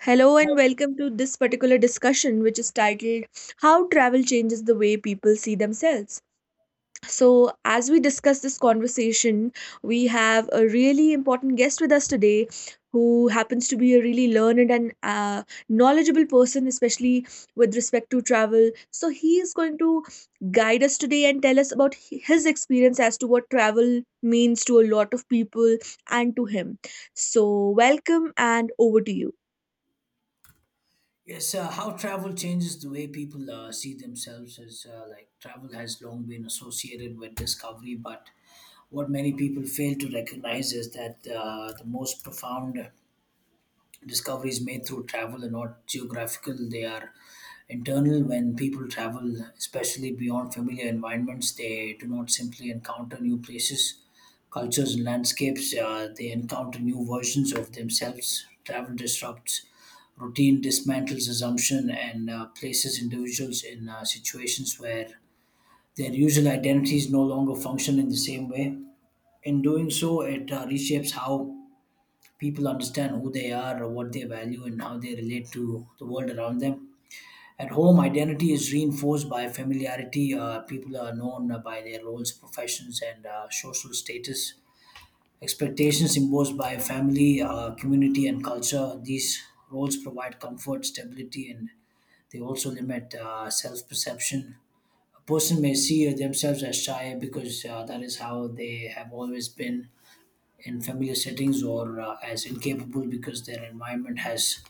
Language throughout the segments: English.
Hello and welcome to this particular discussion, which is titled How Travel Changes the Way People See Themselves. So, as we discuss this conversation, we have a really important guest with us today who happens to be a really learned and knowledgeable person, especially with respect to travel. So, he is going to guide us today and tell us about his experience as to what travel means to a lot of people and to him. So, welcome and over to you. Yes, how travel changes the way people see themselves is like travel has long been associated with discovery, but what many people fail to recognize is that the most profound discoveries made through travel are not geographical, they are internal. When people travel, especially beyond familiar environments, they do not simply encounter new places, cultures and landscapes, they encounter new versions of themselves. Travel disrupts routine, dismantles assumption, and places individuals in situations where their usual identities no longer function in the same way. In doing so, it reshapes how people understand who they are, or what they value, and how they relate to the world around them. At home, identity is reinforced by familiarity. People are known by their roles, professions, and social status. Expectations imposed by family, community, and culture. These roles provide comfort, stability, and they also limit self perception. A person may see themselves as shy because that is how they have always been in familiar settings, or as incapable because their environment has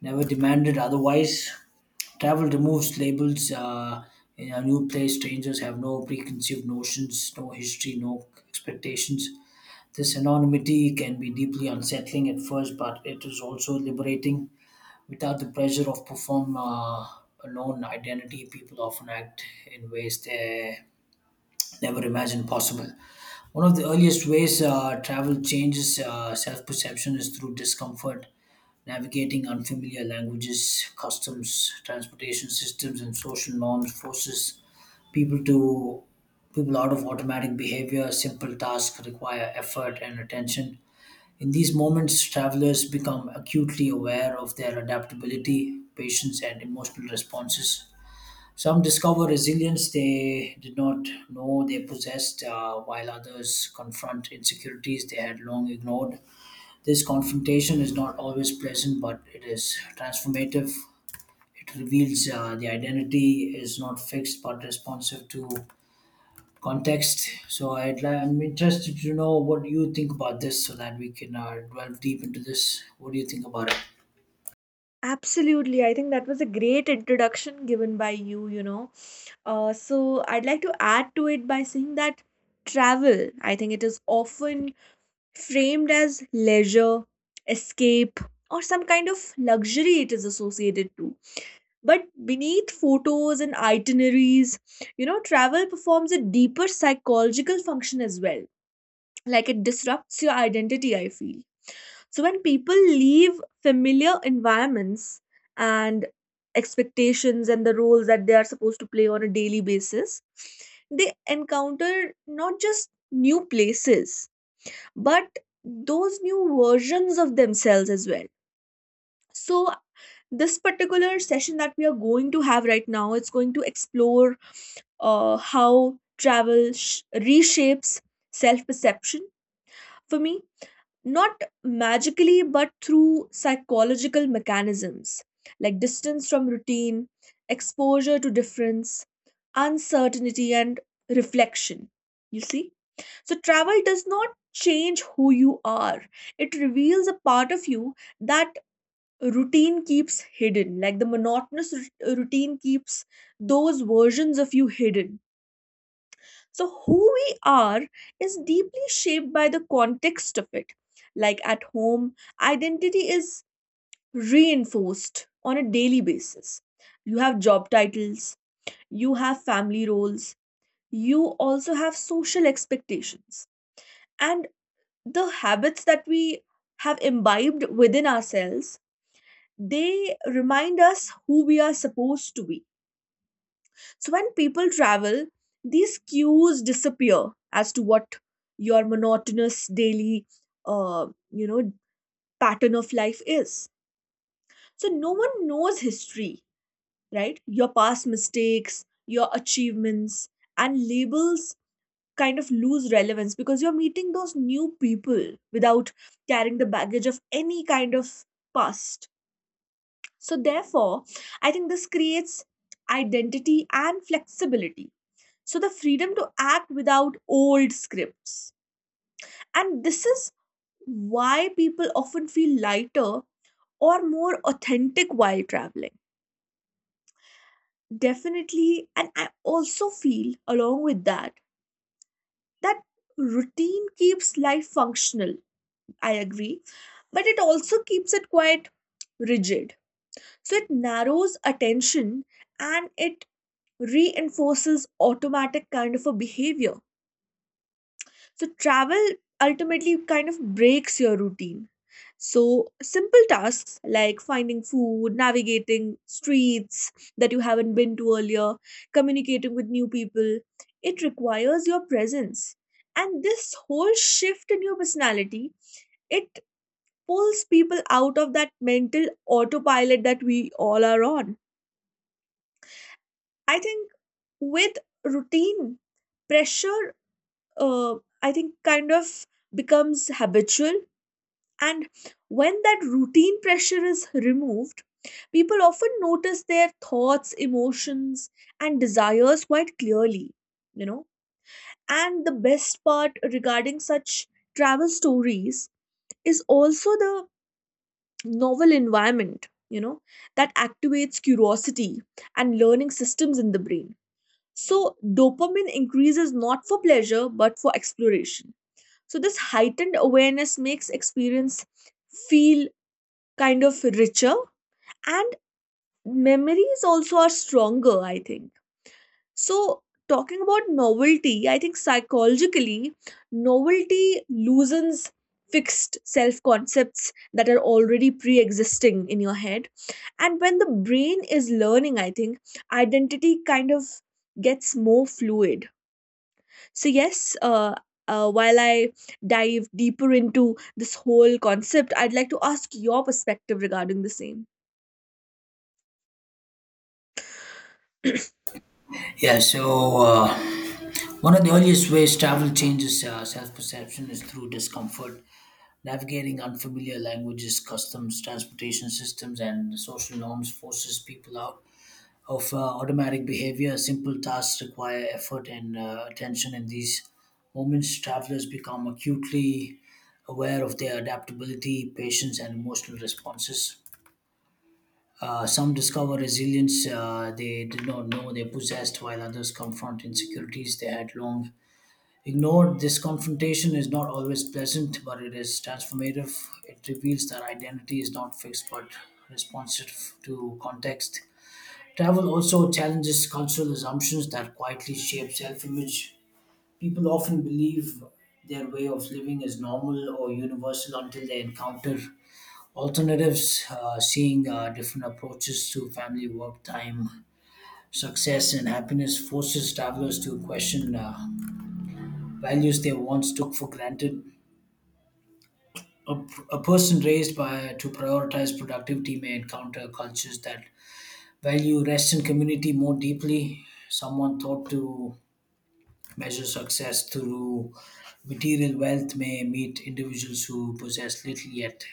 never demanded otherwise. Travel removes labels. In a new place, strangers have no preconceived notions, no history, no expectations. This anonymity can be deeply unsettling at first, but it is also liberating. Without the pressure of perform a known identity, people often act in ways they never imagined possible. One of the earliest ways travel changes self perception is through discomfort, navigating unfamiliar languages, customs, transportation systems, and social norms forces people to people out of automatic behavior. Simple tasks require effort and attention. In these moments, travelers become acutely aware of their adaptability, patience and emotional responses. Some discover resilience they did not know they possessed, while others confront insecurities they had long ignored. This confrontation is not always pleasant, but it is transformative. It reveals the identity is not fixed but responsive to context. I'm interested to know what you think about this so that we can delve deep into this. What do you think about it? Absolutely. I think that was a great introduction given by you, you know. So I'd like to add to it by saying that travel, I think it is often framed as leisure, escape, or some kind of luxury it is associated to. But beneath photos and itineraries, you know, travel performs a deeper psychological function as well. Like it disrupts your identity, I feel so when people leave familiar environments and expectations and the roles that they are supposed to play on a daily basis, they encounter not just new places, but those new versions of themselves as well. So this particular session that we are going to have right now it's going to explore how travel reshapes self perception for me, not magically but through psychological mechanisms like distance from routine, exposure to difference, uncertainty, and reflection, you see. So travel does not change who you are, it reveals a part of you that routine keeps hidden, like the routine keeps those versions of you hidden. So, who we are is deeply shaped by the context of it. Like at home, identity is reinforced on a daily basis. You have job titles, you have family roles, you also have social expectations. And the habits that we have imbibed within ourselves, they remind us who we are supposed to be. So when people travel, these cues disappear as to what your monotonous daily, uh, you know, pattern of life is. So no one knows history, right? Your past mistakes, your achievements, and labels kind of lose relevance because you're meeting those new people without carrying the baggage of any kind of past. So, therefore, I think this creates identity and flexibility. So, the freedom to act without old scripts. And this is why people often feel lighter or more authentic while traveling. Definitely. And I also feel, along with that, that routine keeps life functional. I agree. But it also keeps it quite rigid. So, it narrows attention and it reinforces automatic kind of a behavior. So travel ultimately kind of breaks your routine, so simple tasks like finding food, navigating streets that you haven't been to earlier, communicating with new people, it requires your presence. And this whole shift in your personality, it pulls people out of that mental autopilot that we all are on. I think with routine pressure, uh, I think, kind of becomes habitual. And when that routine pressure is removed, people often notice their thoughts, emotions, and desires quite clearly, you know. And the best part regarding such travel stories is also the novel environment, you know, that activates curiosity and learning systems in the brain. So, dopamine increases not for pleasure but for exploration. So, this heightened awareness makes experience feel kind of richer, and memories also are stronger, I think. So, talking about novelty, I think psychologically, novelty loosens fixed self concepts that are already pre existing in your head. And when the brain is learning, I think identity kind of gets more fluid. So, while I dive deeper into this whole concept, I'd like to ask your perspective regarding the same. Yeah, so one of the earliest ways travel changes self perception is through discomfort. Navigating unfamiliar languages, customs, transportation systems, and social norms forces people out of automatic behavior. Simple tasks require effort and attention. In these moments, travelers become acutely aware of their adaptability, patience, and emotional responses. Some discover resilience they did not know they possessed, while others confront insecurities they had long ignored. This confrontation is not always pleasant, but it is transformative. It reveals that identity is not fixed but responsive to context. Travel also challenges cultural assumptions that quietly shape self image. People often believe their way of living is normal or universal until they encounter alternatives, seeing different approaches to family, work, time, success, and happiness forces travelers to question values they once took for granted. A, a person raised by to prioritize productivity may encounter cultures that value rest and community more deeply. Someone taught to measure success through material wealth may meet individuals who possess little yet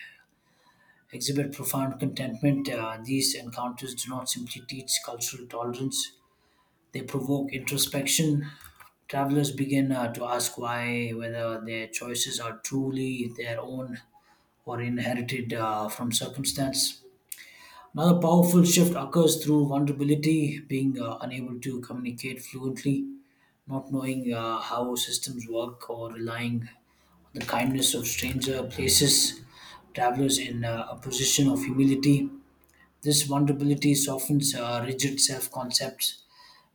exhibit profound contentment. These encounters do not simply teach cultural tolerance; they provoke introspection. Travelers begin to ask why, whether their choices are truly their own or inherited from circumstance. Another powerful shift occurs through vulnerability, being unable to communicate fluently, not knowing how systems work, or relying on the kindness of stranger places. Travelers in a position of humility. This vulnerability softens rigid self concepts.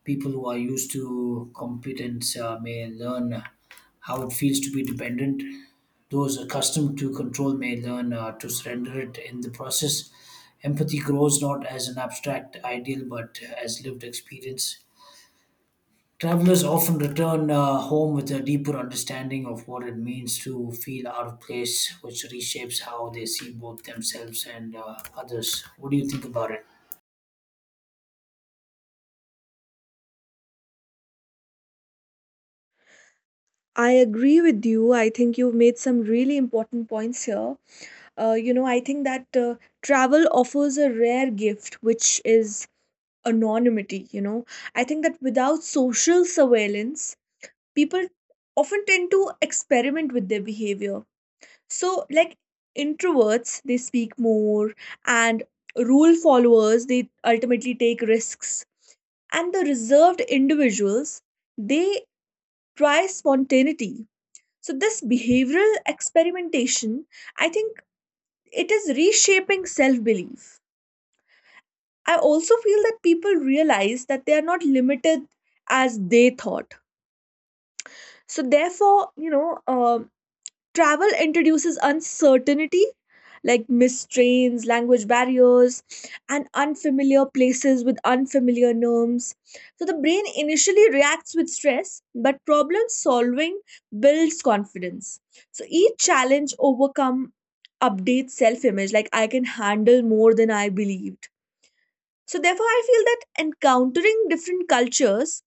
People who are used to competence may learn how it feels to be dependent. Those accustomed to control may learn to surrender it in the process. Empathy grows not as an abstract ideal but as lived experience. Travelers often return home with a deeper understanding of what it means to feel out of place, which reshapes how they see both themselves and others. What do you think about it? I agree with you. I think you've made some really important points here. I think that travel offers a rare gift, which is anonymity. You know, I think that without social surveillance, people often tend to experiment with their behavior. So, like introverts, they speak more, and rule followers, they ultimately take risks. And the reserved individuals, they try spontaneity. So, this behavioral experimentation, I think it is reshaping self belief. I also feel that people realize that they are not limited as they thought. So, therefore, travel introduces uncertainty like missed trains, language barriers, and unfamiliar places with unfamiliar norms. So the brain initially reacts with stress, but problem solving builds confidence. So each challenge overcome updates self image, like I can handle more than I believed. So therefore, I feel that encountering different cultures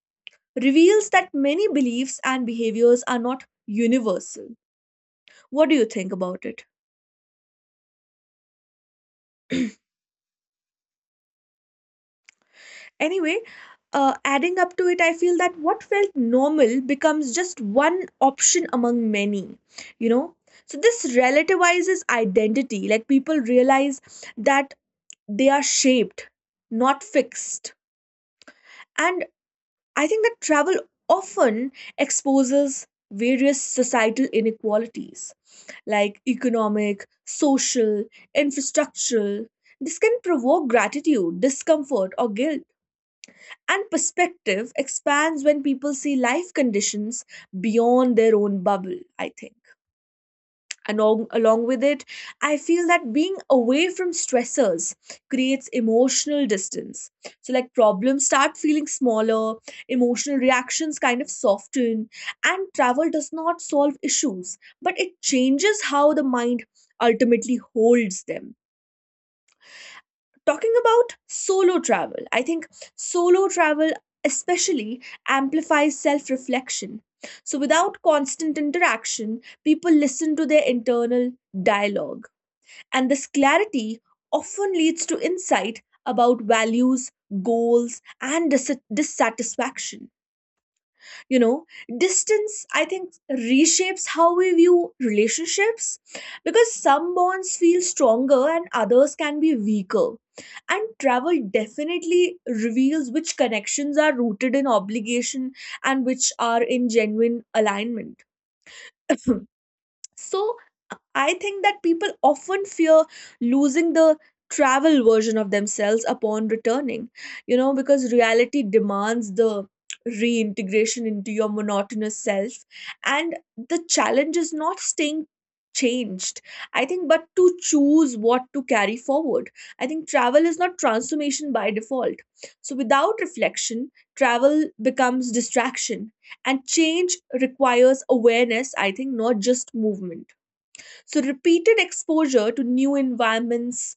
reveals that many beliefs and behaviors are not universal. What do you think about it? Anyway, adding up to it, I feel that what felt normal becomes just one option among many, you know. So, this relativizes identity. Like, people realize that they are shaped, not fixed. And I think that travel often exposes various societal inequalities like economic, social, infrastructural. This can provoke gratitude, discomfort, or guilt, and perspective expands when people see life conditions beyond their own bubble, I think. And along with it, I feel that being away from stressors creates emotional distance. So, like problems start feeling smaller, emotional reactions kind of soften, and travel does not solve issues, but it changes how the mind ultimately holds them. Talking about solo travel, I think solo travel especially amplifies self reflection. So, without constant interaction, people listen to their internal dialogue. And this clarity often leads to insight about values, goals, and dissatisfaction, you know. Distance, I think, reshapes how we view relationships, because some bonds feel stronger and others can be weaker. And travel definitely reveals which connections are rooted in obligation and which are in genuine alignment. So I think that people often fear losing the travel version of themselves upon returning, you know, because reality demands the reintegration into your monotonous self. And the challenge is not staying changed, I think, but to choose what to carry forward. I think travel is not transformation by default. So without reflection, travel becomes distraction. And change requires awareness, I think, not just movement. So, repeated exposure to new environments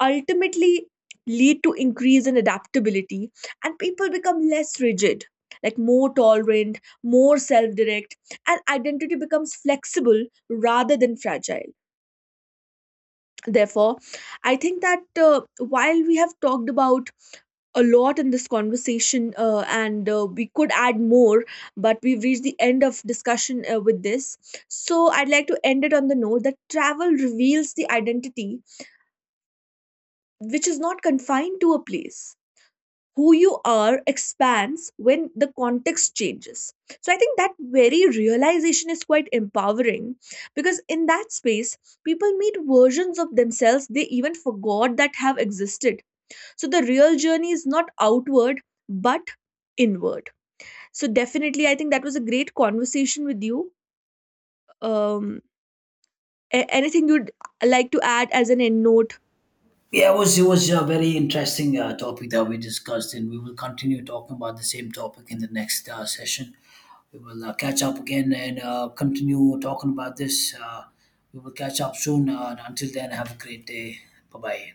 ultimately lead to increase in adaptability, and people become less rigid, like more tolerant, more self-direct, and identity becomes flexible rather than fragile. Therefore, I think that while we have talked about a lot in this conversation and we could add more, but we've reached the end of discussion with this. So I'd like to end it on the note that travel reveals the identity which is not confined to a place. Who you are expands when the context changes. So I think that very realization is quite empowering, because in that space people meet versions of themselves they even forgot that have existed. So the real journey is not outward, but inward. So definitely, I think that was a great conversation with you. Um, Anything you'd like to add as an end note? Yeah, it was a very interesting topic that we discussed, and we will continue talking about the same topic in the next session. We will catch up again and continue talking about this. We will catch up soon. And until then, have a great day. Bye bye.